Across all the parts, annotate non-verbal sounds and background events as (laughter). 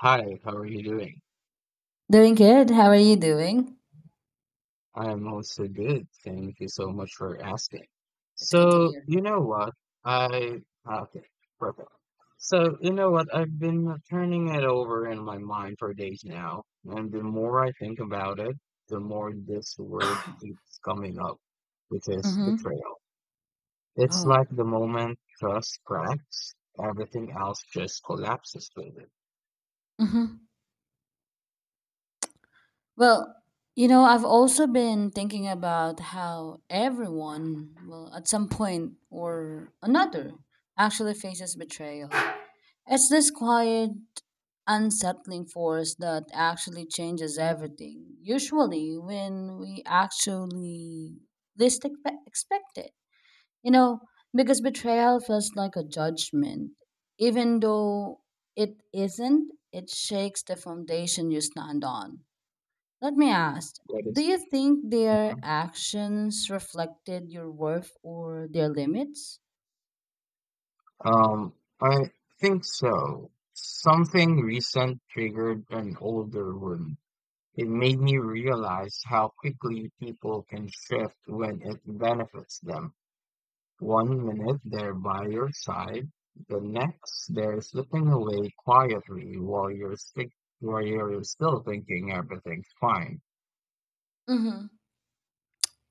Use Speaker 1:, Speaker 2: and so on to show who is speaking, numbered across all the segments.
Speaker 1: Hi, how are you doing?
Speaker 2: Doing good. How are you doing?
Speaker 1: I am also good. Thank you so much for asking.
Speaker 2: It's good to
Speaker 1: So,
Speaker 2: hear.
Speaker 1: you know what? I, ah, okay, perfect. So, you know what? I've been turning it over in my mind for days now, and the more I think about it, the more this word keeps coming up, which is
Speaker 2: Mm-hmm.
Speaker 1: betrayal. It's
Speaker 2: Oh.
Speaker 1: like the moment trust cracks, everything else just collapses with it.
Speaker 2: Mm-hmm. Well, I've also been thinking about how everyone, well, at some point or another, actually faces betrayal. It's this quiet, unsettling force that actually changes everything, usually when we actually least expect it. You know, because betrayal feels like a judgment. Even though it isn't, it shakes the foundation you stand on. Let me ask,
Speaker 1: What
Speaker 2: do
Speaker 1: is?
Speaker 2: you think their actions reflected your worth or their limits?
Speaker 1: Um, I think so. Something recent triggered an older wound. It made me realize how quickly people can shift when it benefits them. One minute they're by your side, the next they're slipping away quietly while you're still thinking everything's fine.
Speaker 2: Mm-hmm.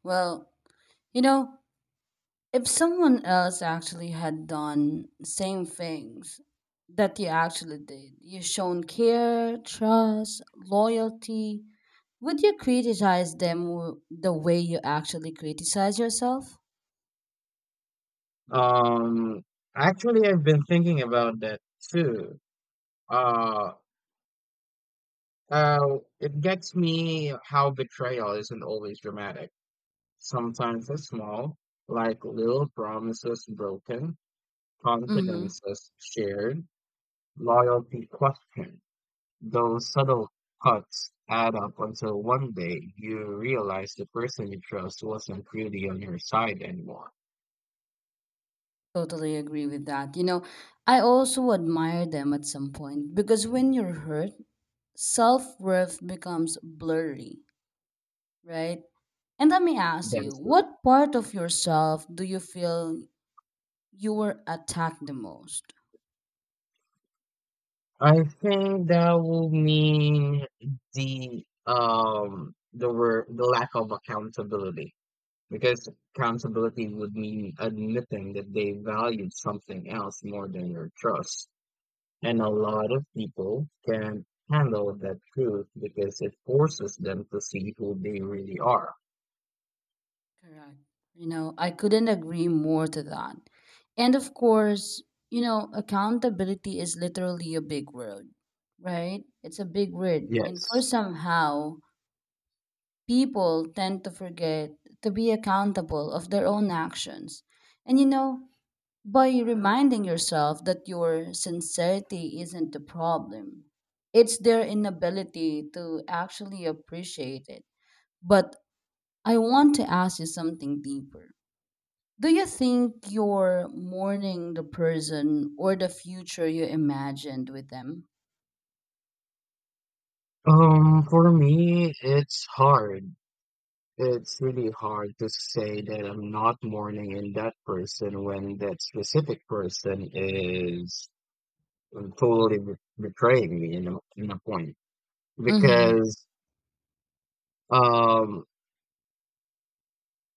Speaker 2: Well, you know, if someone else actually had done same things that you actually did, you shown care, trust, loyalty, would you criticize them the way you actually criticize yourself?
Speaker 1: Um, actually, I've been thinking about that too. Uh, it gets me how betrayal isn't always dramatic. Sometimes it's small, like little promises broken,
Speaker 2: Mm-hmm.
Speaker 1: confidences shared, loyalty questioned. Those subtle cuts add up until one day you realize the person you trust wasn't really on your side anymore.
Speaker 2: Totally agree with that. I also admire them at some point, because when you're hurt, self-worth becomes blurry, right? And let me ask
Speaker 1: That
Speaker 2: you,
Speaker 1: is correct.
Speaker 2: what part of yourself do you feel you were attacked the most?
Speaker 1: I think that will mean the word, the lack of accountability. Because accountability would mean admitting that they valued something else more than your trust. And a lot of people can't handle that truth because it forces them to see who they really are.
Speaker 2: Correct. I couldn't agree more to that. And of course, accountability is literally a big word, right? It's a big word. And for
Speaker 1: Yes.
Speaker 2: somehow, people tend to forget to be accountable of their own actions. And by reminding yourself that your sincerity isn't the problem, it's their inability to actually appreciate it. But I want to ask you something deeper. Do you think you're mourning the person or the future you imagined with them?
Speaker 1: For me, it's hard. It's really hard to say that I'm not mourning in that person when that specific person is totally be- betraying me in a point.
Speaker 2: Mm-hmm.
Speaker 1: Because um,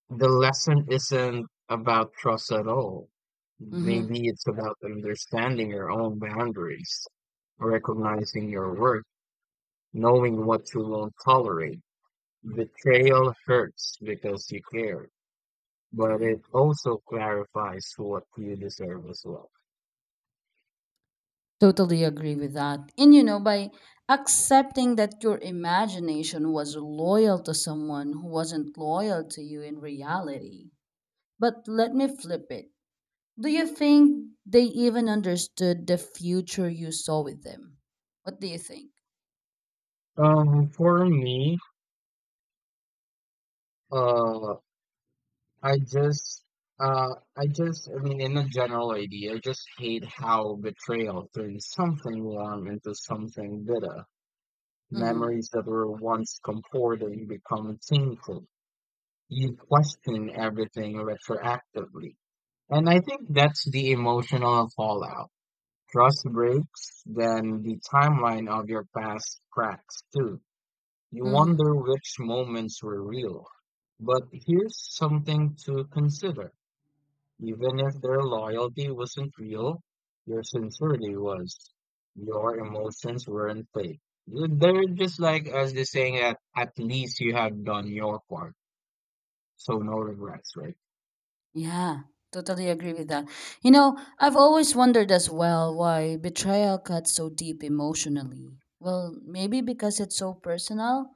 Speaker 1: the lesson isn't about trust at all.
Speaker 2: Mm-hmm.
Speaker 1: Maybe it's about understanding your own boundaries, recognizing your worth, knowing what you won't tolerate. Betrayal hurts because you care, but
Speaker 2: Correct.
Speaker 1: it also clarifies what you deserve as well.
Speaker 2: Totally agree with that. And by accepting that your imagination was loyal to someone who wasn't loyal to you in reality. But let me flip it. Do you think they even understood the future you saw with them? What do you think?
Speaker 1: For me, uh, I just, I just, I mean, in a general idea, I just hate how betrayal turns something warm into something bitter.
Speaker 2: Mm-hmm.
Speaker 1: Memories that were once comforting become painful. You question everything retroactively. And I think that's the emotional fallout. Trust breaks, then the timeline of your past cracks too. You
Speaker 2: Mm-hmm.
Speaker 1: wonder which moments were real. But here's something to consider. Even if their loyalty wasn't real, your sincerity was. Your emotions weren't fake. They're just like as they saying that at least you have done your part, so no regrets, right?
Speaker 2: Yeah, totally agree with that. I've always wondered as well why betrayal cuts so deep emotionally. Well, maybe because it's so personal,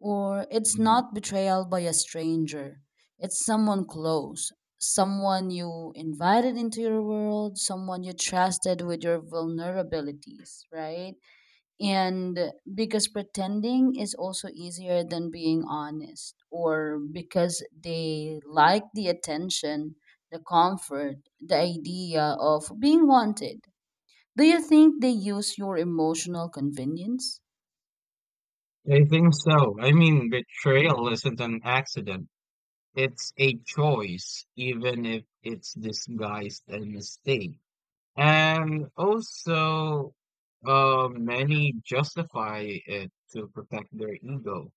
Speaker 2: or it's
Speaker 1: Mm.
Speaker 2: not betrayal by a stranger. It's someone close, someone you invited into your world, someone you trusted with your vulnerabilities, right? And because pretending is also easier than being honest, or because they like the attention, the comfort, the idea of being wanted, do you think they use your emotional convenience?
Speaker 1: I think so. I mean, betrayal isn't an accident. It's a choice, even if it's disguised as a mistake. And also, many justify it to protect their ego.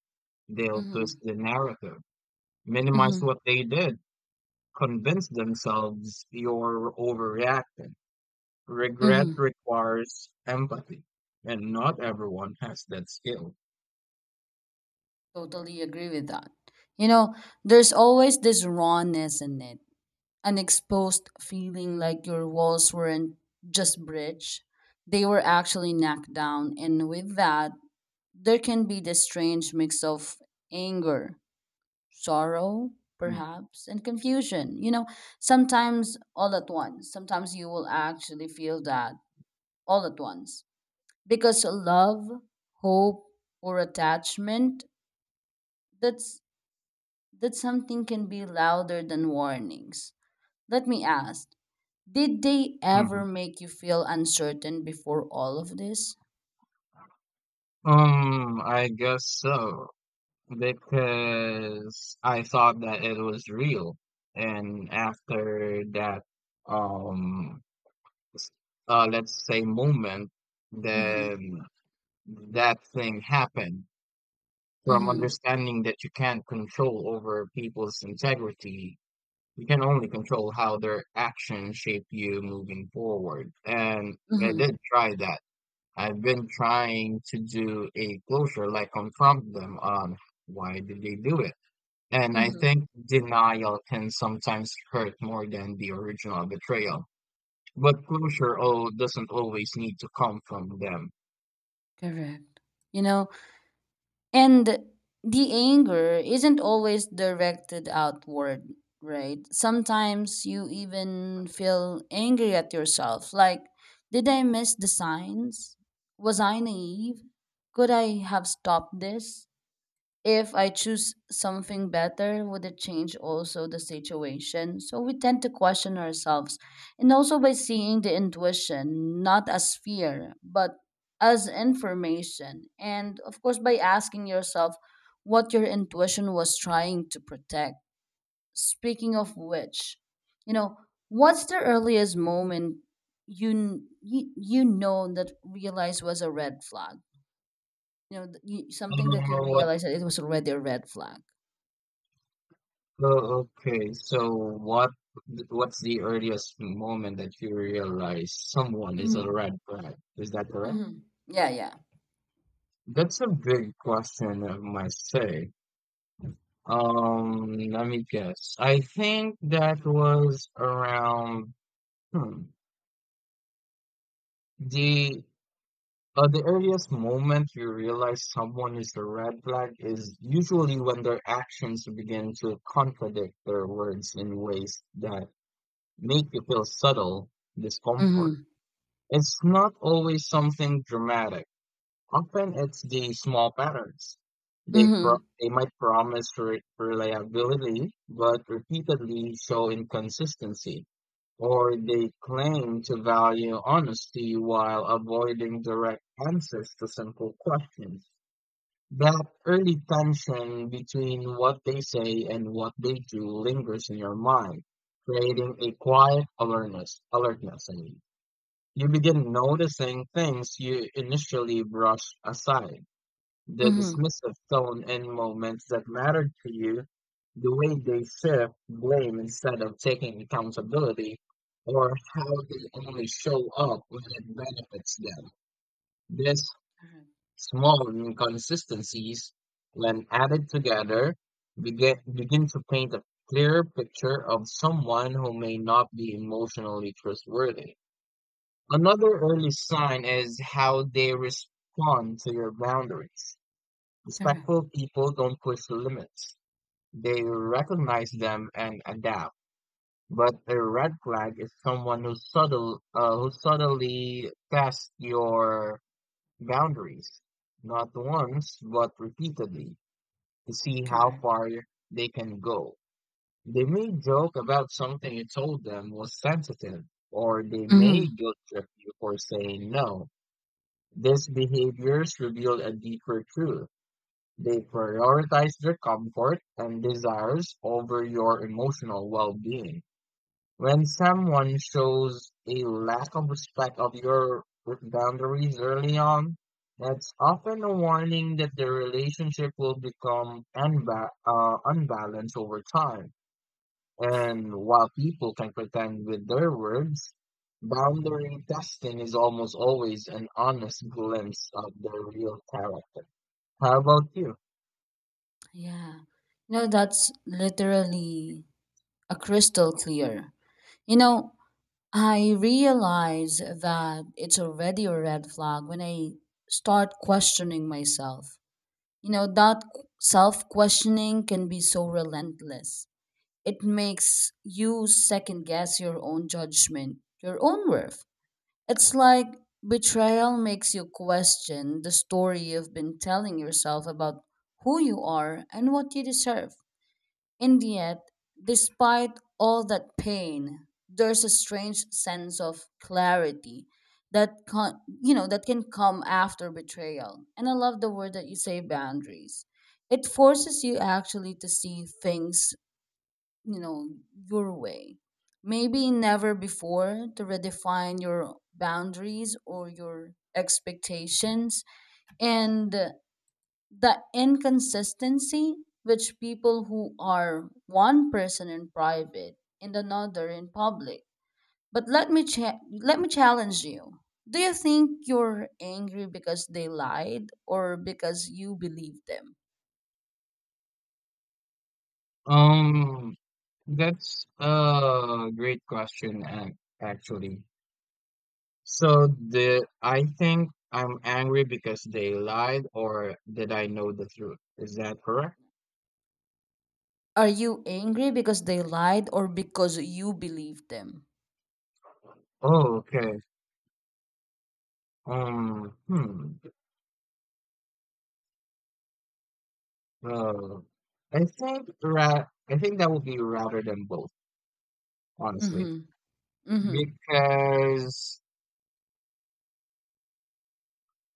Speaker 1: They'll twist
Speaker 2: Mm-hmm.
Speaker 1: the narrative, minimize
Speaker 2: Mm-hmm.
Speaker 1: what they did, convince themselves you're overreacting. Regret
Speaker 2: Mm-hmm.
Speaker 1: requires empathy, and not everyone has that skill.
Speaker 2: Totally agree with that. You know there's always this rawness in it, an exposed feeling like your walls weren't just bridge, they were actually knocked down. And with that, there can be this strange mix of anger, sorrow,
Speaker 1: Mm.
Speaker 2: perhaps, and confusion. Sometimes all at once. Sometimes you will actually feel that all at once. Because love, hope, or attachment, that's that something can be louder than warnings. Let me ask, did they
Speaker 1: Mm-hmm.
Speaker 2: ever make you feel uncertain before all of this?
Speaker 1: I guess so, because I thought that it was real, and after that, um, s- let's say moment
Speaker 2: Mm-hmm.
Speaker 1: that that thing happened, from
Speaker 2: Mm-hmm.
Speaker 1: understanding that you can't control over people's integrity. You can only control how their actions shape you moving forward. And I
Speaker 2: Mm-hmm.
Speaker 1: did try that. I've been trying to do a closure, like confront them on why did they do it. And I
Speaker 2: Mm-hmm.
Speaker 1: think denial can sometimes hurt more than the original betrayal, but closure doesn't always need to come from them.
Speaker 2: Correct. You know, And the anger isn't always directed outward, right? Sometimes you even feel angry at yourself. Like, did I miss the signs? Was I naive? Could I have stopped this? If I choose something better, would it change also the situation? So we tend to question ourselves. And also by seeing the intuition, not as fear, but as information. And of course, by asking yourself what your intuition was trying to protect. Speaking of which, you know, what's the earliest moment that realized was a red flag? Something that you
Speaker 1: What?
Speaker 2: realized that it was already a red flag.
Speaker 1: Oh, okay. So what? What's the earliest moment that you realize someone is a
Speaker 2: Mhm,
Speaker 1: red flag? Is that correct?
Speaker 2: mhm. Yeah, yeah.
Speaker 1: That's a big question, I must say. Let me guess. I think that was around hmm, the the earliest moment you realize someone is a red flag is usually when their actions begin to contradict their words in ways that make you feel subtle discomfort.
Speaker 2: Mhm,
Speaker 1: It's not always something dramatic. Often it's the small patterns.
Speaker 2: mhm,
Speaker 1: They might promise reliability, but repeatedly show inconsistency, or they claim to value honesty while avoiding direct answers to simple questions. That early tension between what they say and what they do lingers in your mind, creating a quiet alertness, alertness. You begin noticing things you initially brushed aside: the
Speaker 2: mhm.
Speaker 1: dismissive tone in moments that matter to you, the way they shift blame instead of taking accountability, or how they only show up when it benefits them. These small inconsistencies, when added together, begin to paint a clearer picture of someone who may not be emotionally trustworthy. Another early sign is how they respond to your boundaries.
Speaker 2: Correct, correct,
Speaker 1: Respectful people don't push the limits. They recognize them and adapt. But a red flag is someone who subtly tests your boundaries, not once but repeatedly, to see how
Speaker 2: correct.
Speaker 1: far they can go. They may joke about something you told them was sensitive, or they may
Speaker 2: Mhm.
Speaker 1: guilt trip you for saying no. These behaviors reveal a deeper truth: they prioritize their comfort and desires over your emotional well-being. When someone shows a lack of respect of your boundaries early on, that's often a warning that the relationship will become unbalanced over time. And while people can pretend with their words, boundary testing is almost always an honest glimpse of their real character. How about you?
Speaker 2: Yeah. No, that's literally a crystal clear. You know, I realize that it's already a red flag when I start questioning myself. That self questioning can be so relentless. It makes you second guess your own judgment, your own worth. It's like betrayal makes you question the story you've been telling yourself about who you are and what you deserve. And yet, despite all that pain, there's a strange sense of clarity that can that can come after betrayal. And I love the word that you say, boundaries. It forces you actually to see things, you know your way, maybe never before, to redefine your boundaries or your expectations. And the inconsistency, which people who are one person in private and another in public. But let me challenge you, do you think you're angry because they lied or because you believe them?
Speaker 1: Um, That's a great question, actually. So the I think I'm angry because they lied, or did I know the truth? Is that correct?
Speaker 2: Are you angry because they lied or because you believe them?
Speaker 1: Oh, okay. Um, hmm. Uh, I think ra I think that would be rather than both,
Speaker 2: Mm-hmm.
Speaker 1: honestly,
Speaker 2: Mhm.
Speaker 1: because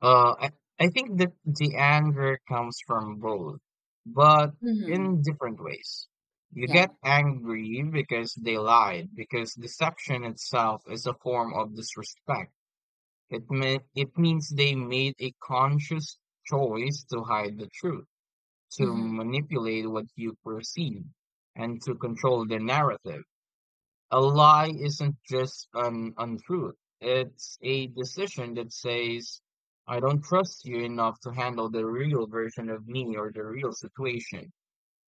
Speaker 1: Uh, I, I think that the anger comes from both, but
Speaker 2: Mhm.
Speaker 1: in different ways. You get
Speaker 2: Yeah.
Speaker 1: angry because they lied, because deception itself is a form of disrespect. It means they made a conscious choice to hide the truth, to
Speaker 2: Mhm.
Speaker 1: manipulate what you perceive, and to control the narrative. A lie isn't just an untruth. It's a decision that says, I don't trust you enough to handle the real version of me or the real situation.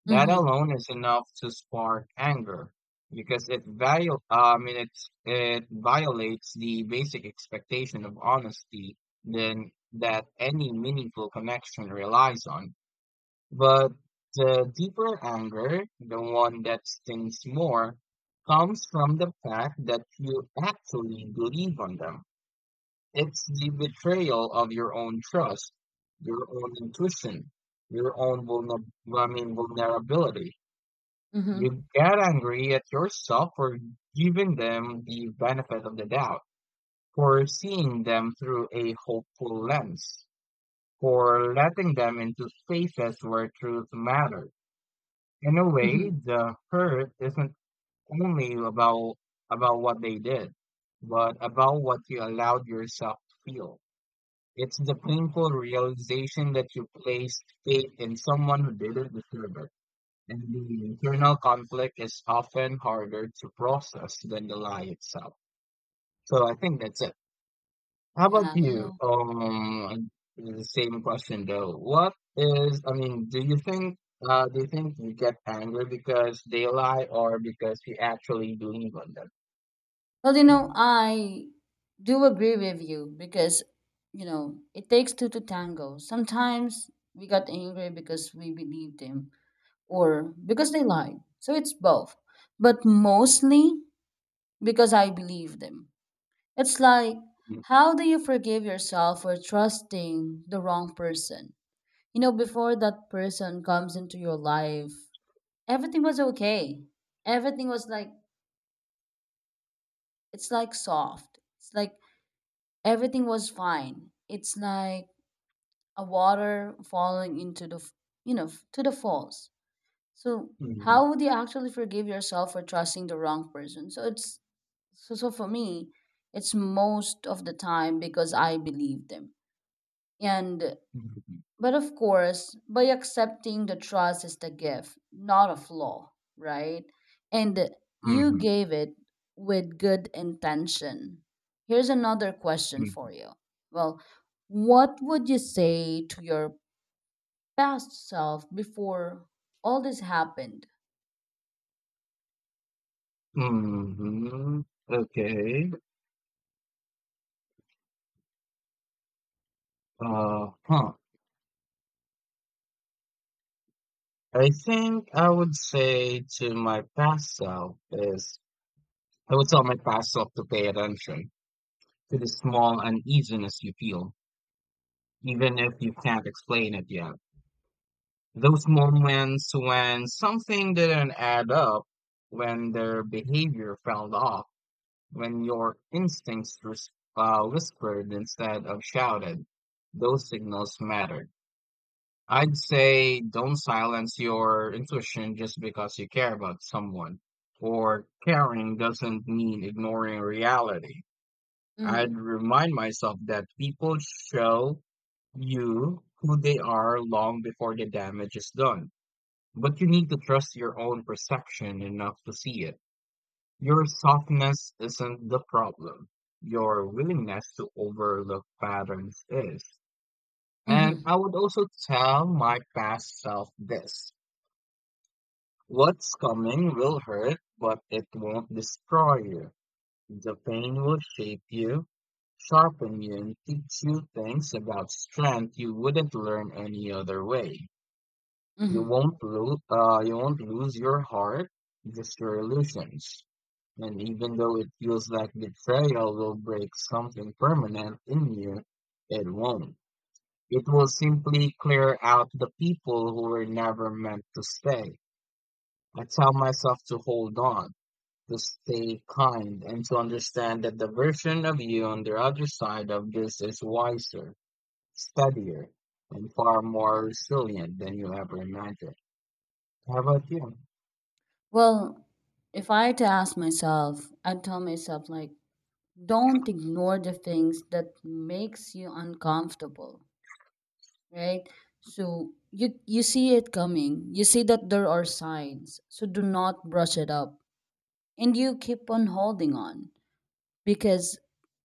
Speaker 1: That
Speaker 2: Mhm.
Speaker 1: alone is enough to spark anger because it viol I mean it it violates the basic expectation of honesty then that any meaningful connection relies on. But the deeper anger, the one that stings more, comes from the fact that you actually believe on them. It's the betrayal of your own trust, your own intuition, your own vulner- I mean, vulnerability.
Speaker 2: Mhm.
Speaker 1: You get angry at yourself for giving them the benefit of the doubt, for seeing them through a hopeful lens, for letting them into spaces where truth matters. In a way,
Speaker 2: Mhm.
Speaker 1: the hurt isn't only about what they did, but about what you allowed yourself to feel. It's the painful realization that you placed faith in someone who didn't deserve it. And the internal conflict is often harder to process than the lie itself. So I think that's it. How about
Speaker 2: Yeah, yeah.
Speaker 1: you? The same question though. What is, I mean, do you think you get angry because they lie or because you actually believe on them?
Speaker 2: Well, I do agree with you because, it takes two to tango. Sometimes we got angry because we believed them or because they lied. So it's both. But mostly because I believe them. It's like, how do you forgive yourself for trusting the wrong person? Before that person comes into your life, everything was okay. Everything was like it's like soft. It's like everything was fine. It's like a water falling into the to the falls. So
Speaker 1: Mhm.
Speaker 2: how would you actually forgive yourself for trusting the wrong person? So for me, it's most of the time because I believe them and.
Speaker 1: Mhm.
Speaker 2: But of course, by accepting the trust is the gift, not a flaw, right? And you gave it with good intention. Here's another question for
Speaker 1: Mhm.
Speaker 2: you. Well, what would you say to your past self before all this happened?
Speaker 1: Mhm. Okay. Huh. I think I would say to my past self is I would tell my past self to pay attention to the small uneasiness you feel, even if you can't explain it yet. Those moments when something didn't add up, when their behavior felt off, when your whispered instead of shouted, those signals mattered. I'd say don't silence your intuition just because you care about someone, or caring doesn't mean ignoring reality. I'd
Speaker 2: Hmm.
Speaker 1: remind myself that people show you who they are long before the damage is done, but you need to trust your own perception enough to see it. Your softness isn't the problem. Your willingness to overlook patterns is. And
Speaker 2: Hmm.
Speaker 1: I would also tell my past self this. What's coming will hurt, but it won't destroy you. The pain will shape you, sharpen you, and teach you things about strength you wouldn't learn any other way.
Speaker 2: Hmm.
Speaker 1: You won't lose your heart, just your illusions. And even though it feels like betrayal will break something permanent in you, it won't. It will simply clear out the people who were never meant to stay. I tell myself to hold on, to stay kind, and to understand that the version of you on the other side of this is wiser, steadier, and far more resilient than you ever imagined. How about you?
Speaker 2: Well, if I had to ask myself, I'd tell myself like, don't ignore the things that makes you uncomfortable, right? So you see it coming. You see that there are signs. So do not brush it up. And you keep on holding on, because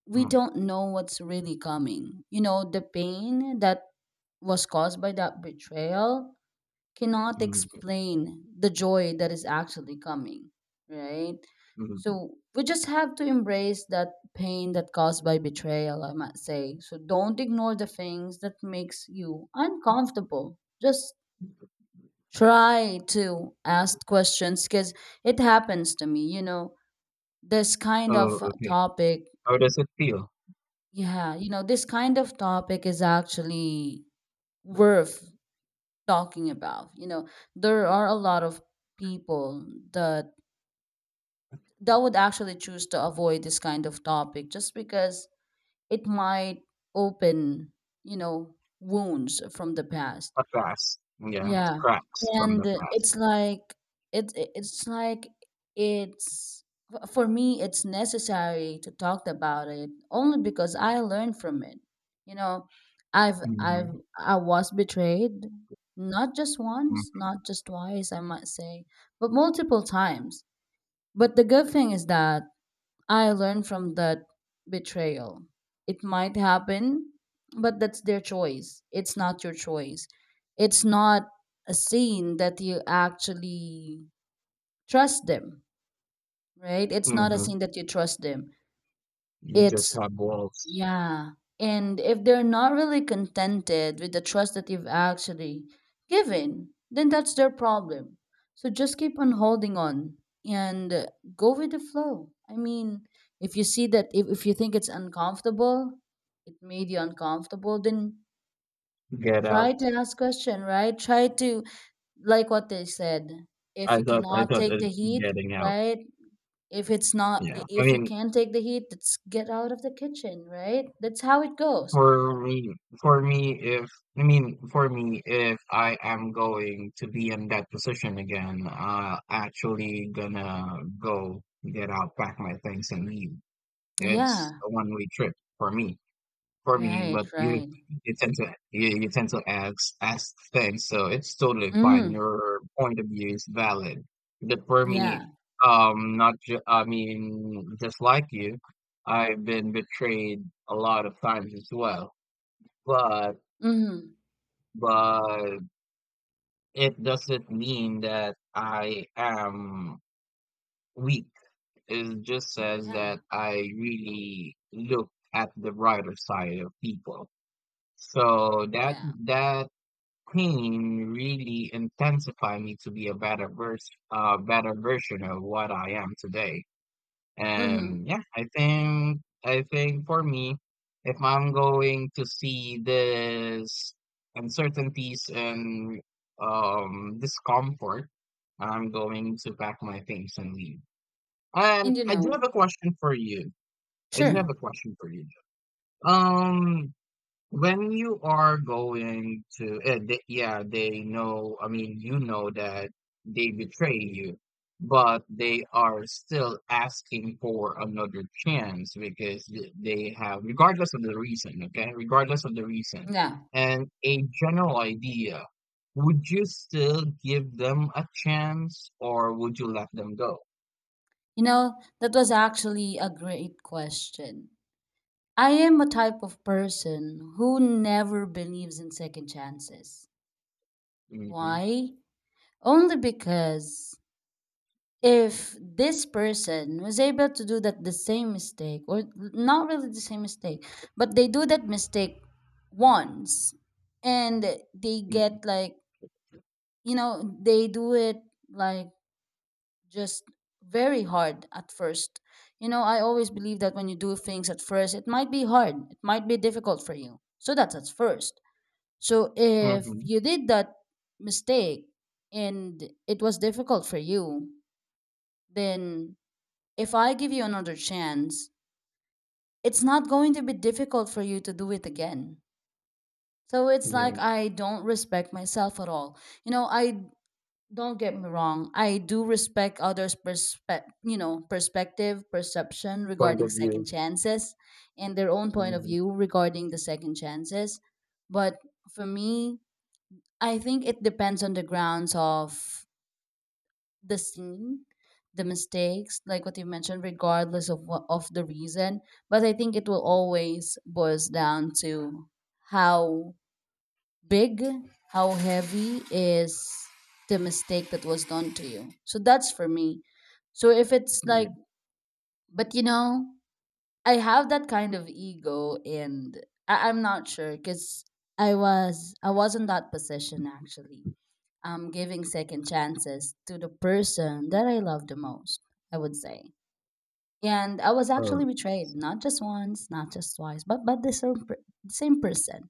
Speaker 2: we
Speaker 1: Hmm.
Speaker 2: don't know what's really coming. The pain that was caused by that betrayal cannot
Speaker 1: Mhm,
Speaker 2: explain the joy that is actually coming, right?
Speaker 1: mhm.
Speaker 2: So we just have to embrace that pain that caused by betrayal, I might say. So don't ignore the things that makes you uncomfortable. Just try to ask questions, because it happens to me, this kind
Speaker 1: Oh,
Speaker 2: of
Speaker 1: okay.
Speaker 2: topic,
Speaker 1: How does it feel?
Speaker 2: yeah, this kind of topic is actually worth talking about. There are a lot of people that would actually choose to avoid this kind of topic, just because it might open, wounds from the past.
Speaker 1: A past. Yeah,
Speaker 2: Yeah.
Speaker 1: cracks from
Speaker 2: And
Speaker 1: the
Speaker 2: it's
Speaker 1: past.
Speaker 2: like it it- it's like it's for me it's necessary to talk about it, only because I learned from it, you know i've i've
Speaker 1: Mhm,
Speaker 2: I was betrayed, not just once,
Speaker 1: mm
Speaker 2: not just twice, I might say, but multiple times. But the good thing is that I learned from that betrayal. It might happen, but that's their choice. It's not your choice. It's not a scene that you actually trust them, right? It's not a
Speaker 1: mhm.
Speaker 2: scene that you trust them.
Speaker 1: You just
Speaker 2: It's
Speaker 1: have walls.
Speaker 2: Yeah. And if they're not really contented with the trust that you've actually given, then that's their problem. So just keep on holding on, and go with the flow. I mean, if you see that, if you think it's uncomfortable, it made you uncomfortable, then
Speaker 1: Get
Speaker 2: try to
Speaker 1: out.
Speaker 2: ask question, right? Try to, like what they said, if
Speaker 1: I
Speaker 2: you
Speaker 1: thought I
Speaker 2: cannot
Speaker 1: thought
Speaker 2: take
Speaker 1: uh,
Speaker 2: the heat,
Speaker 1: getting out.
Speaker 2: right? If it's not,
Speaker 1: Yeah. I
Speaker 2: if you
Speaker 1: mean,
Speaker 2: can't take the heat, let's get out of the kitchen, right? That's how it goes.
Speaker 1: for me, for me, if for me, if I am going to be in that position again, actually gonna go get out, pack my things, and leave. It's
Speaker 2: Yeah.
Speaker 1: a one-way trip for me. For me,
Speaker 2: Right,
Speaker 1: but
Speaker 2: right.
Speaker 1: you tend to ask things, so it's totally fine.
Speaker 2: Mhm.
Speaker 1: Your point of view is valid. But for me,
Speaker 2: Yeah.
Speaker 1: not ju- I mean, just like you, I've been betrayed a lot of times as well. But
Speaker 2: Mhm.
Speaker 1: but it doesn't mean that I am weak. It just says
Speaker 2: Yeah.
Speaker 1: that I really look at the brighter side of people. So that
Speaker 2: Yeah.
Speaker 1: that pain really intensified me to be a better vers better version of what I am today.
Speaker 2: Mhm.
Speaker 1: And yeah, I think for me, if I'm going to see this uncertainties and discomfort, I'm going to pack my things and leave.
Speaker 2: And
Speaker 1: And I do have a question for you. I do have
Speaker 2: sure.
Speaker 1: a question for you. Um, when you are going to, they, yeah, they know, I mean, you know that they betray you, but they are still asking for another chance because they have, regardless of the reason, okay, regardless of the reason,
Speaker 2: Yeah.
Speaker 1: and a general idea, would you still give them a chance or would you let them go?
Speaker 2: That was actually a great question. I am a type of person who never believes in second chances.
Speaker 1: Mm-hmm.
Speaker 2: Why? Only because if this person was able to do that the same mistake, or not really the same mistake, but they do that mistake once, and they
Speaker 1: Mm-hmm.
Speaker 2: get like, they do it, like, just very hard at first. I always believe that when you do things at first, it might be hard, it might be difficult for you, so that's at first. So if
Speaker 1: Mm-hmm.
Speaker 2: you did that mistake, and it was difficult for you, then if I give you another chance, it's not going to be difficult for you to do it again. So it's
Speaker 1: Yeah.
Speaker 2: like I don't respect myself at all. I don't get me wrong. I do respect others' perspective, perception
Speaker 1: Point
Speaker 2: regarding
Speaker 1: of
Speaker 2: second
Speaker 1: view.
Speaker 2: chances, and their own point of
Speaker 1: Mm-hmm.
Speaker 2: view regarding the second chances. But for me, I think it depends on the grounds of the scene, the mistakes, like what you mentioned, regardless of what of the reason. But I think it will always boils down to how big, how heavy is the mistake that was done to you. So that's for me. So if it's
Speaker 1: Yeah.
Speaker 2: like, but I have that kind of ego, and I'm not sure, because I was in that position actually, giving second chances to the person that I love the most, I would say. And I was actually
Speaker 1: Oh,
Speaker 2: betrayed, not just once, not just twice, but the same, same person.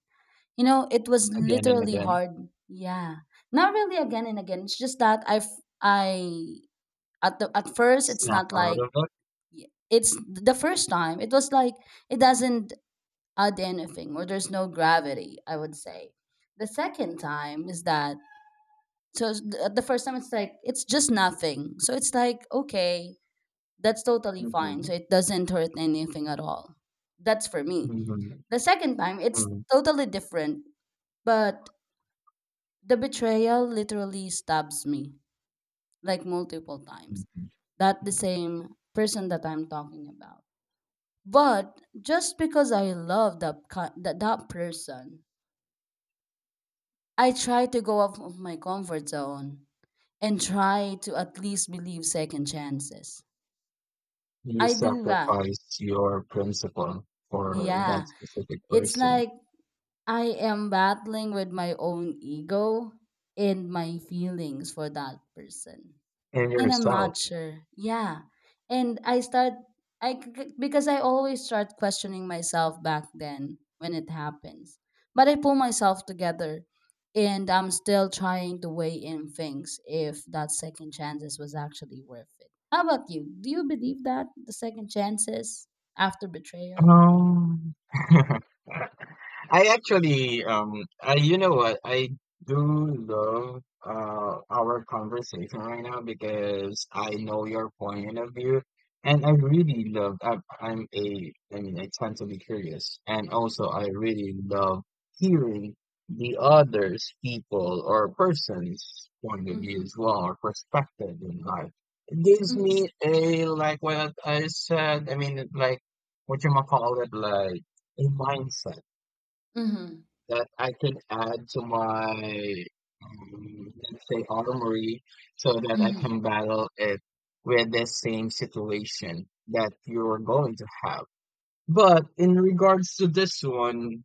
Speaker 2: You know, it was
Speaker 1: again and
Speaker 2: literally
Speaker 1: again.
Speaker 2: hard. Yeah, not really again and again. It's just that I at first it's
Speaker 1: Snap
Speaker 2: not
Speaker 1: out
Speaker 2: like
Speaker 1: of it.
Speaker 2: it's the first time. It was like it doesn't add anything or there's no gravity, I would say. The second time is that, so the first time it's like it's just nothing. So it's like, okay, that's totally fine.
Speaker 1: Hmm.
Speaker 2: So it doesn't hurt anything at all. That's for me.
Speaker 1: Hmm.
Speaker 2: The second time it's totally different, but the betrayal literally stabs me like multiple times.
Speaker 1: Hmm.
Speaker 2: That the same person that I'm talking about. But just because I love that person, I try to go off of my comfort zone and try to at least believe second chances.
Speaker 1: You
Speaker 2: I do that.
Speaker 1: sacrificed your principle for
Speaker 2: Yeah.
Speaker 1: that specific
Speaker 2: It's
Speaker 1: person
Speaker 2: like I am battling with my own ego and my feelings for that person.
Speaker 1: and
Speaker 2: And I'm
Speaker 1: yourself.
Speaker 2: not sure. Yeah. And I start I c- because I always start questioning myself back then when it happens. But I pull myself together and I'm still trying to weigh in things if that second chances was actually worth it. How about you? Do you believe that the second chances after betrayal?
Speaker 1: Um, (laughs) I actually, I you know what? I do love our conversation right now because I know your point of view, and I really love. I'm I mean, I tend to be curious, and also I really love hearing the others, people or person's point of view
Speaker 2: Mhm.
Speaker 1: as well or perspective in life. It gives
Speaker 2: Mhm.
Speaker 1: me a like what I said. I mean, like what you might call it, like a mindset
Speaker 2: Mhm.
Speaker 1: that I can add to my, let's say, armory so that I can
Speaker 2: Mhm.
Speaker 1: battle it with the same situation that you're going to have. But in regards to this one,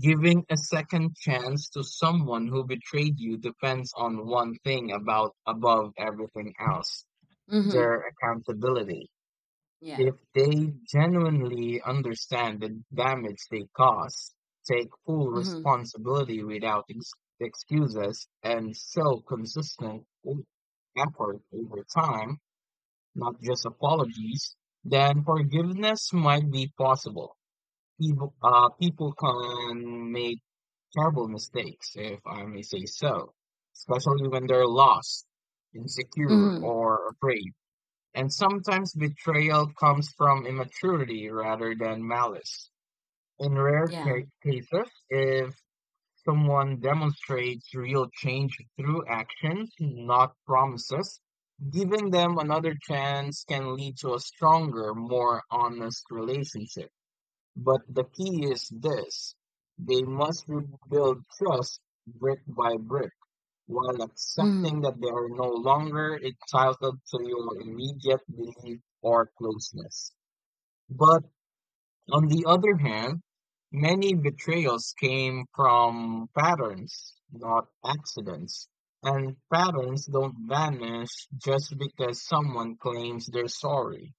Speaker 1: giving a second chance to someone who betrayed you depends on one thing about above everything else,
Speaker 2: Mhm.
Speaker 1: their accountability.
Speaker 2: Yeah.
Speaker 1: If they genuinely understand the damage they cause, take full
Speaker 2: Mhm.
Speaker 1: responsibility without excuses, and show consistent effort over time, not just apologies, then forgiveness might be possible. People can make terrible mistakes, if I may say so, especially when they're lost, insecure,
Speaker 2: Mhm.
Speaker 1: or afraid. And sometimes betrayal comes from immaturity rather than malice. In rare
Speaker 2: Yeah.
Speaker 1: cases, if someone demonstrates real change through actions, not promises, giving them another chance can lead to a stronger, more honest relationship. But the key is this: they must rebuild trust brick by brick while accepting
Speaker 2: Mhm.
Speaker 1: that they are no longer entitled to your immediate belief or closeness. But on the other hand, many betrayals came from patterns, not accidents. And patterns don't vanish just because someone claims they're sorry.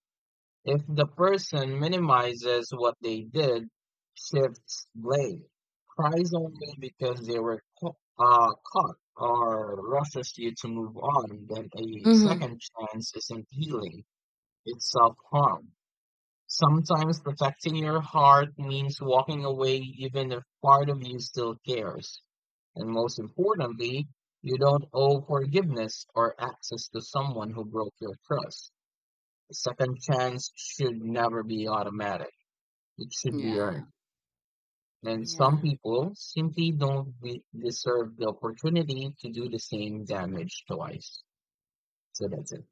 Speaker 1: If the person minimizes what they did, shifts blame, cries only because they were caught, or rushes you to move on, then a
Speaker 2: Mhm.
Speaker 1: second chance isn't healing, it's self harm. Sometimes protecting your heart means walking away even if part of you still cares. And most importantly, you don't owe forgiveness or access to someone who broke your trust. A second chance should never be automatic. It should be
Speaker 2: Yeah.
Speaker 1: earned. And some
Speaker 2: Yeah.
Speaker 1: people simply don't be, deserve the opportunity to do the same damage twice. So that's it.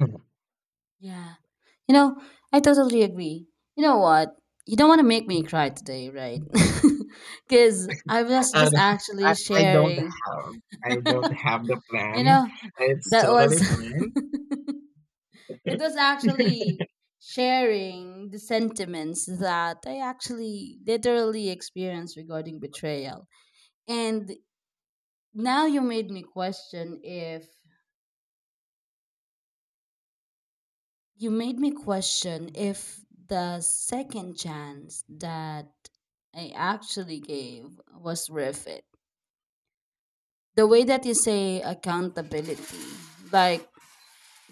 Speaker 1: (laughs)
Speaker 2: Yeah. You know, I totally agree. You know what? You don't want to make me cry today, right? (laughs) Because I was
Speaker 1: I,
Speaker 2: just
Speaker 1: don't- I,
Speaker 2: actually
Speaker 1: I don't
Speaker 2: sharing.
Speaker 1: have
Speaker 2: (laughs)
Speaker 1: I don't have the
Speaker 2: you
Speaker 1: plan.
Speaker 2: know,
Speaker 1: It's
Speaker 2: that
Speaker 1: totally
Speaker 2: was.
Speaker 1: fine.
Speaker 2: (laughs) It was
Speaker 1: (laughs)
Speaker 2: actually sharing the sentiments that I actually literally experienced regarding betrayal. And now you made me question if the second chance that I actually gave was worth it. The way that you say accountability, like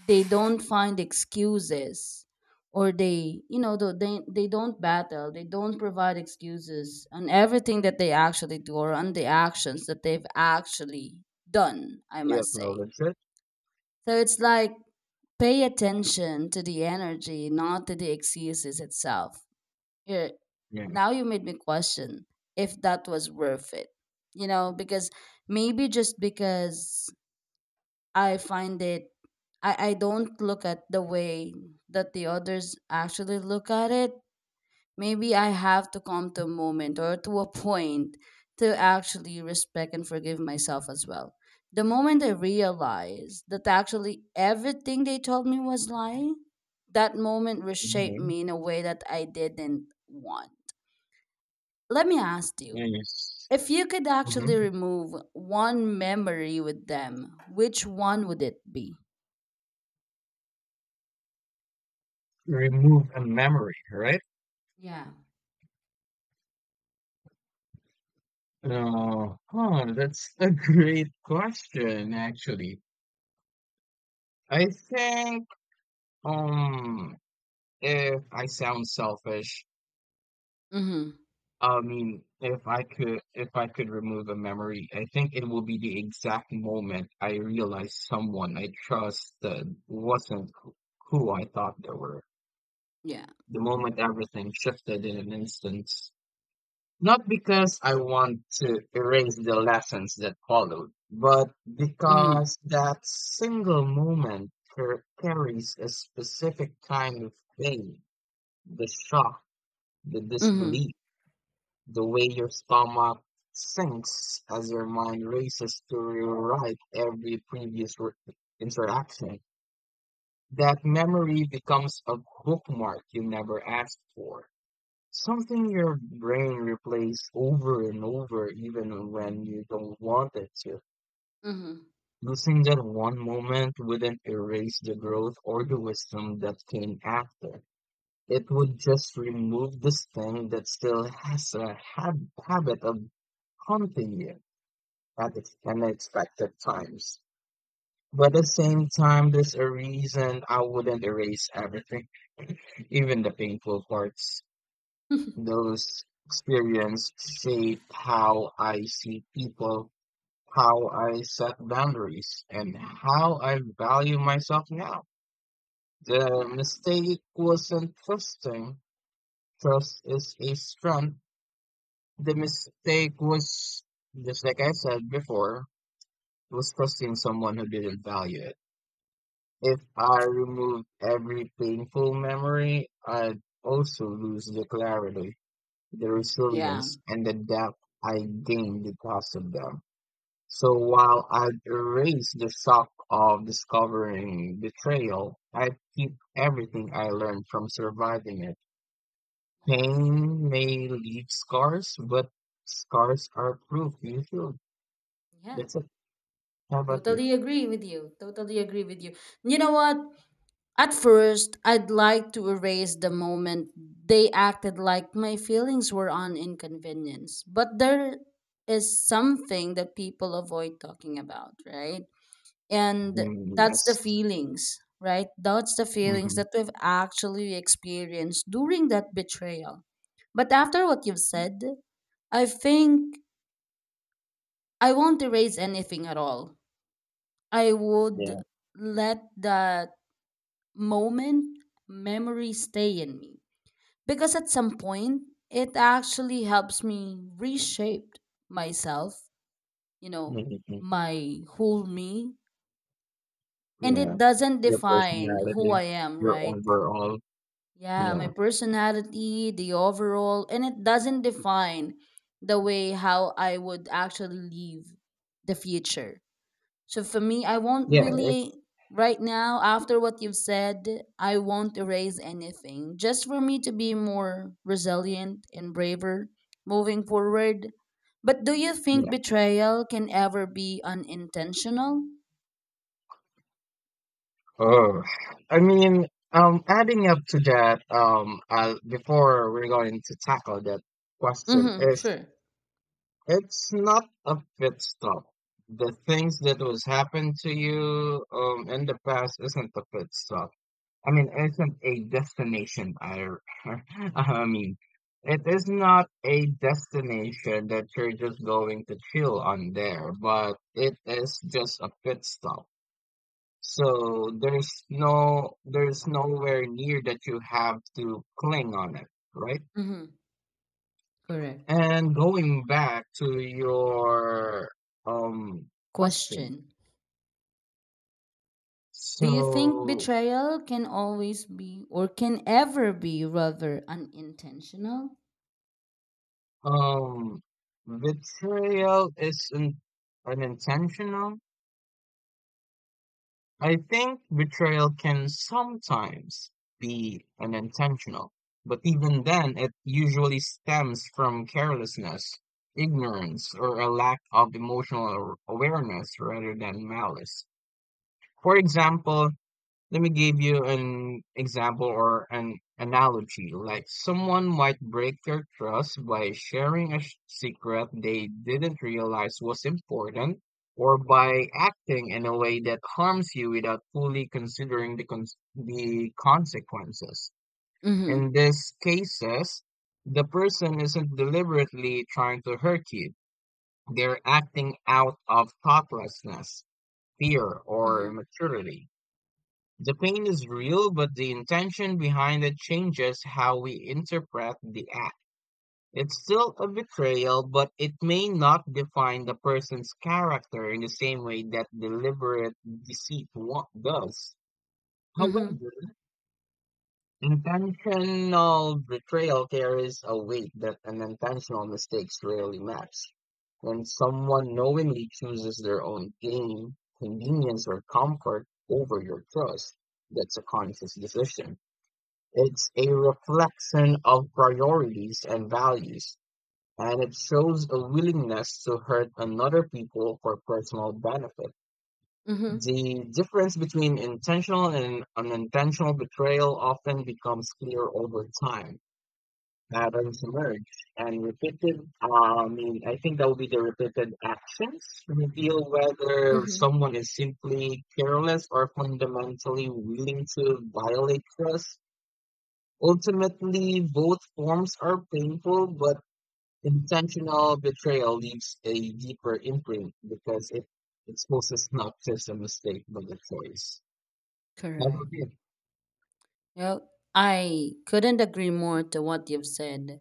Speaker 2: they don't find excuses or, they, you know, tho- they don't battle, they don't provide excuses on everything that they actually do or on the actions that they've actually done, I
Speaker 1: Yep,
Speaker 2: must
Speaker 1: no,
Speaker 2: say.
Speaker 1: that's it.
Speaker 2: So it's like pay attention to the energy, not to the exegesis itself. Here,
Speaker 1: Yeah.
Speaker 2: now you made me question if that was worth it. You know, because maybe just because I find it, I don't look at the way that the others actually look at it. Maybe I have to come to a moment or to a point to actually respect and forgive myself as well. The moment I realized that actually everything they told me was lie, that moment reshaped
Speaker 1: Mm-hmm.
Speaker 2: me in a way that I didn't want. Let me ask you,
Speaker 1: Yes.
Speaker 2: if you could actually
Speaker 1: Mm-hmm.
Speaker 2: remove one memory with them, which one would it be?
Speaker 1: Remove a memory, right?
Speaker 2: Yeah.
Speaker 1: Oh, huh, that's a great question, actually. I think Um, if I sound selfish,
Speaker 2: Mm-hmm.
Speaker 1: I mean, if I could remove a memory, I think it will be the exact moment I realized someone I trusted wasn't wh- who I thought they were.
Speaker 2: Yeah.
Speaker 1: The moment everything shifted in an instant. Not because I want to erase the lessons that followed, but
Speaker 2: Mm-hmm.
Speaker 1: because that single moment carries a specific kind of pain, the shock, the
Speaker 2: Mm-hmm.
Speaker 1: disbelief, the way your stomach sinks as your mind races to rewrite every interaction. That memory becomes a bookmark you never asked for. Something your brain replays over and over, even when you don't want it to.
Speaker 2: Mm-hmm.
Speaker 1: Losing that one moment wouldn't erase the growth or the wisdom that came after. It would just remove this thing that still has a habit of haunting you at unexpected times. But at the same time, there's a reason I wouldn't erase everything, even the painful parts. Those experiences shape how I see people, how I set boundaries, and how I value myself now.
Speaker 2: (laughs)
Speaker 1: The
Speaker 2: Yeah.
Speaker 1: mistake wasn't trusting. Trust is a strength. The mistake was, just like I said before, was trusting someone who didn't value it. If I remove every painful memory, I'd also lose the clarity, the
Speaker 2: Yeah.
Speaker 1: resilience, and the depth I gained because of them. So while I'd erase the shock of discovering betrayal, I'd keep everything I learned from surviving it.
Speaker 2: Yeah.
Speaker 1: Pain may leave scars, but scars are proof you healed.
Speaker 2: Yeah.
Speaker 1: That's a how about you?
Speaker 2: Totally agree with you. Totally agree with you. You know what? At first, I'd like to erase the moment they acted like my feelings were an inconvenience. But there is something that people avoid talking about, right? And
Speaker 1: Mm,
Speaker 2: that's the
Speaker 1: yes.
Speaker 2: feelings, right? That's the feelings
Speaker 1: Mm-hmm.
Speaker 2: that we've actually experienced during that betrayal. But after what you've said, I think I won't erase anything at all. I would
Speaker 1: Yeah.
Speaker 2: let that moment memory stay in me because at some point it actually helps me reshape myself, you know,
Speaker 1: Mm-hmm.
Speaker 2: my whole me, and
Speaker 1: Yeah.
Speaker 2: it doesn't
Speaker 1: Your
Speaker 2: define who
Speaker 1: personality,
Speaker 2: I am,
Speaker 1: your
Speaker 2: right?
Speaker 1: overall.
Speaker 2: Yeah, my
Speaker 1: Yeah.
Speaker 2: personality, the overall, and it doesn't define the way how I would actually leave the future. So for me, I won't
Speaker 1: Yeah. It,
Speaker 2: really, right now after what you've said, I won't erase anything. Just for me to be more resilient and braver moving forward. But do you think
Speaker 1: yeah.
Speaker 2: betrayal can ever be unintentional?
Speaker 1: Oh, I mean, adding up to that, before we're going to tackle that question,
Speaker 2: Mhm,
Speaker 1: is
Speaker 2: sure.
Speaker 1: it's not a pit stop. The things that was happened to you, in the past isn't a pit stop. I mean, it's not a destination. (laughs) I mean, it is not a destination that you're just going to chill on there, but it is just a pit stop. So there's no, there's nowhere near that you have to cling on it, right?
Speaker 2: Mhm. Correct.
Speaker 1: And going back to your question,
Speaker 2: Question. Do you think
Speaker 1: so
Speaker 2: betrayal can always be or can ever be, rather, unintentional?
Speaker 1: um, betrayal is in, unintentional I think betrayal can sometimes be unintentional, but even then, it usually stems from carelessness, ignorance, or a lack of emotional awareness rather than malice. For example, let me give you an example or an analogy. Like someone might break your trust by sharing a secret they didn't realize was important or by acting in a way that harms you without fully considering the the consequences. In
Speaker 2: Mhm.
Speaker 1: these cases, the person isn't deliberately trying to hurt you. They're acting out of thoughtlessness, fear, or
Speaker 2: Mhm.
Speaker 1: immaturity. The pain is real, but the intention behind it changes how we interpret the act. It's still a betrayal, but it may not define the person's character in the same way that deliberate deceit does. However,
Speaker 2: Mhm.
Speaker 1: intentional betrayal carries a weight that an intentional mistakes rarely match. When someone knowingly chooses their own gain, convenience, or comfort over your trust, that's a conscious decision. It's a reflection of priorities and values, and it shows a willingness to hurt another people for personal benefit.
Speaker 2: Mhm.
Speaker 1: The difference between intentional and unintentional betrayal often becomes clear over time. Patterns emerge, and I mean, I think that would be the repeated actions reveal whether
Speaker 2: Mhm.
Speaker 1: someone is simply careless or fundamentally willing to violate trust. Ultimately, both forms are painful, but intentional betrayal leaves a deeper imprint because it exposes not just a mistake, but a choice. How
Speaker 2: Correct.
Speaker 1: about you?
Speaker 2: Well, I couldn't agree more to what you've said.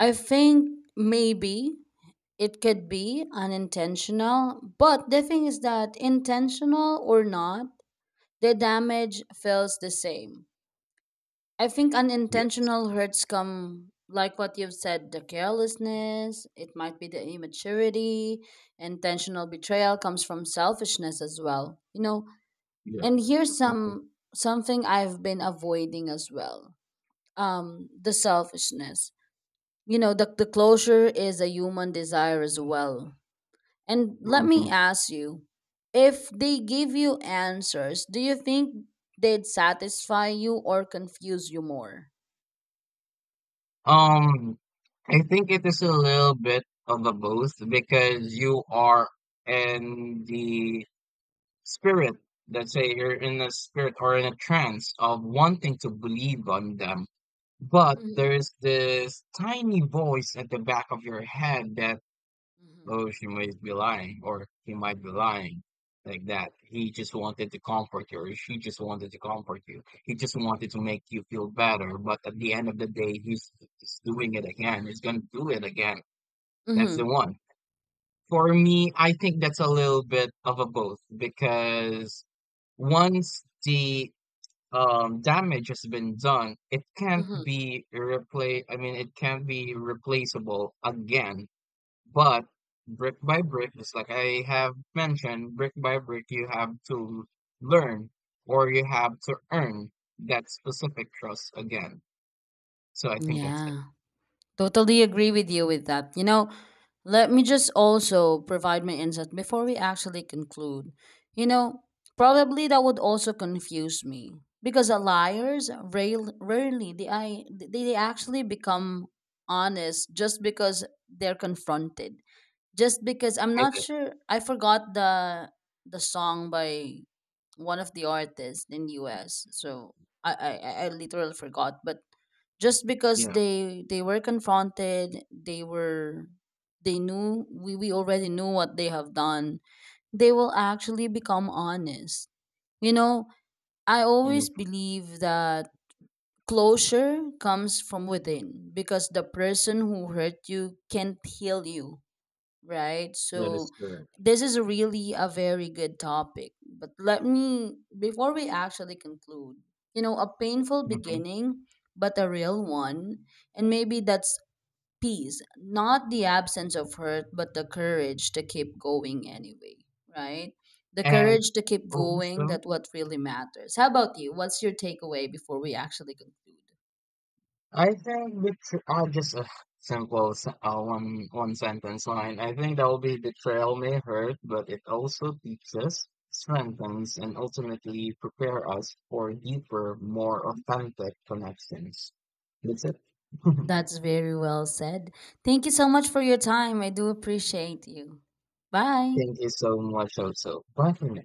Speaker 2: I think maybe it could be unintentional, but the thing is that intentional or not, the damage feels the same. I think unintentional
Speaker 1: yes.
Speaker 2: hurts come, like what you've said, the carelessness, it might be the immaturity, intentional betrayal comes from selfishness as well. You know,
Speaker 1: Yeah.
Speaker 2: and here's
Speaker 1: Mhm.
Speaker 2: some something I've been avoiding as well, um, the selfishness, you know, the closure is a human desire as well. And let me
Speaker 1: Mhm.
Speaker 2: ask you, if they give you answers, do you think they'd satisfy you or confuse you more?
Speaker 1: Um, I think it is a little bit of a both because you are in the spirit, let's say you're in a spirit or in a trance of wanting to believe on them. But
Speaker 2: Mm-hmm.
Speaker 1: there's this tiny voice at the back of your head that, oh, she might be lying, or he might be lying, like that. He just wanted to comfort you, or she just wanted to comfort you. He just wanted to make you feel better. But at the end of the day, he's doing it again. He's gonna do it again. That's the
Speaker 2: Mm-hmm.
Speaker 1: one. For me, I think that's a little bit of a both because once the damage has been done, it can't
Speaker 2: Mm-hmm.
Speaker 1: be repla I mean, it can't be replaceable again. But brick by brick, just like I have mentioned, brick by brick, you have to learn or you have to earn that specific trust again. So I think that's it.
Speaker 2: Yeah, totally agree with you with that. You know, let me just also provide my insight before we actually conclude. You know, probably that would also confuse me because the liars rail- rarely they, I, they actually become honest just because they're confronted. Just because, I'm
Speaker 1: Is
Speaker 2: not
Speaker 1: it?
Speaker 2: sure, I forgot the song by one of the artists in US. So I literally forgot, but just because
Speaker 1: Yeah.
Speaker 2: they were confronted, they were, they knew, we already knew what they have done, they will actually become honest, you know. I always
Speaker 1: Mhm.
Speaker 2: believe that closure comes from within because the person who hurt you can't heal you, right?
Speaker 1: That is
Speaker 2: So
Speaker 1: correct.
Speaker 2: this is really a very good topic. But let me, before we actually conclude, you know, a painful
Speaker 1: Mhm.
Speaker 2: beginning, but a real one. And maybe that's peace, not the absence of hurt, but the courage to keep going anyway, right? The
Speaker 1: And
Speaker 2: courage to keep going,
Speaker 1: also,
Speaker 2: that what really matters. How about you? What's your takeaway before we actually conclude?
Speaker 1: I think just a one sentence line. I think that will be betrayal may hurt, but it also teaches us, strengthens, and ultimately prepare us for deeper, more authentic connections. That's it. (laughs) Thank
Speaker 2: That's very well said. Thank you so much for your time. I do appreciate you. Bye.
Speaker 1: you so much, also. Bye for now.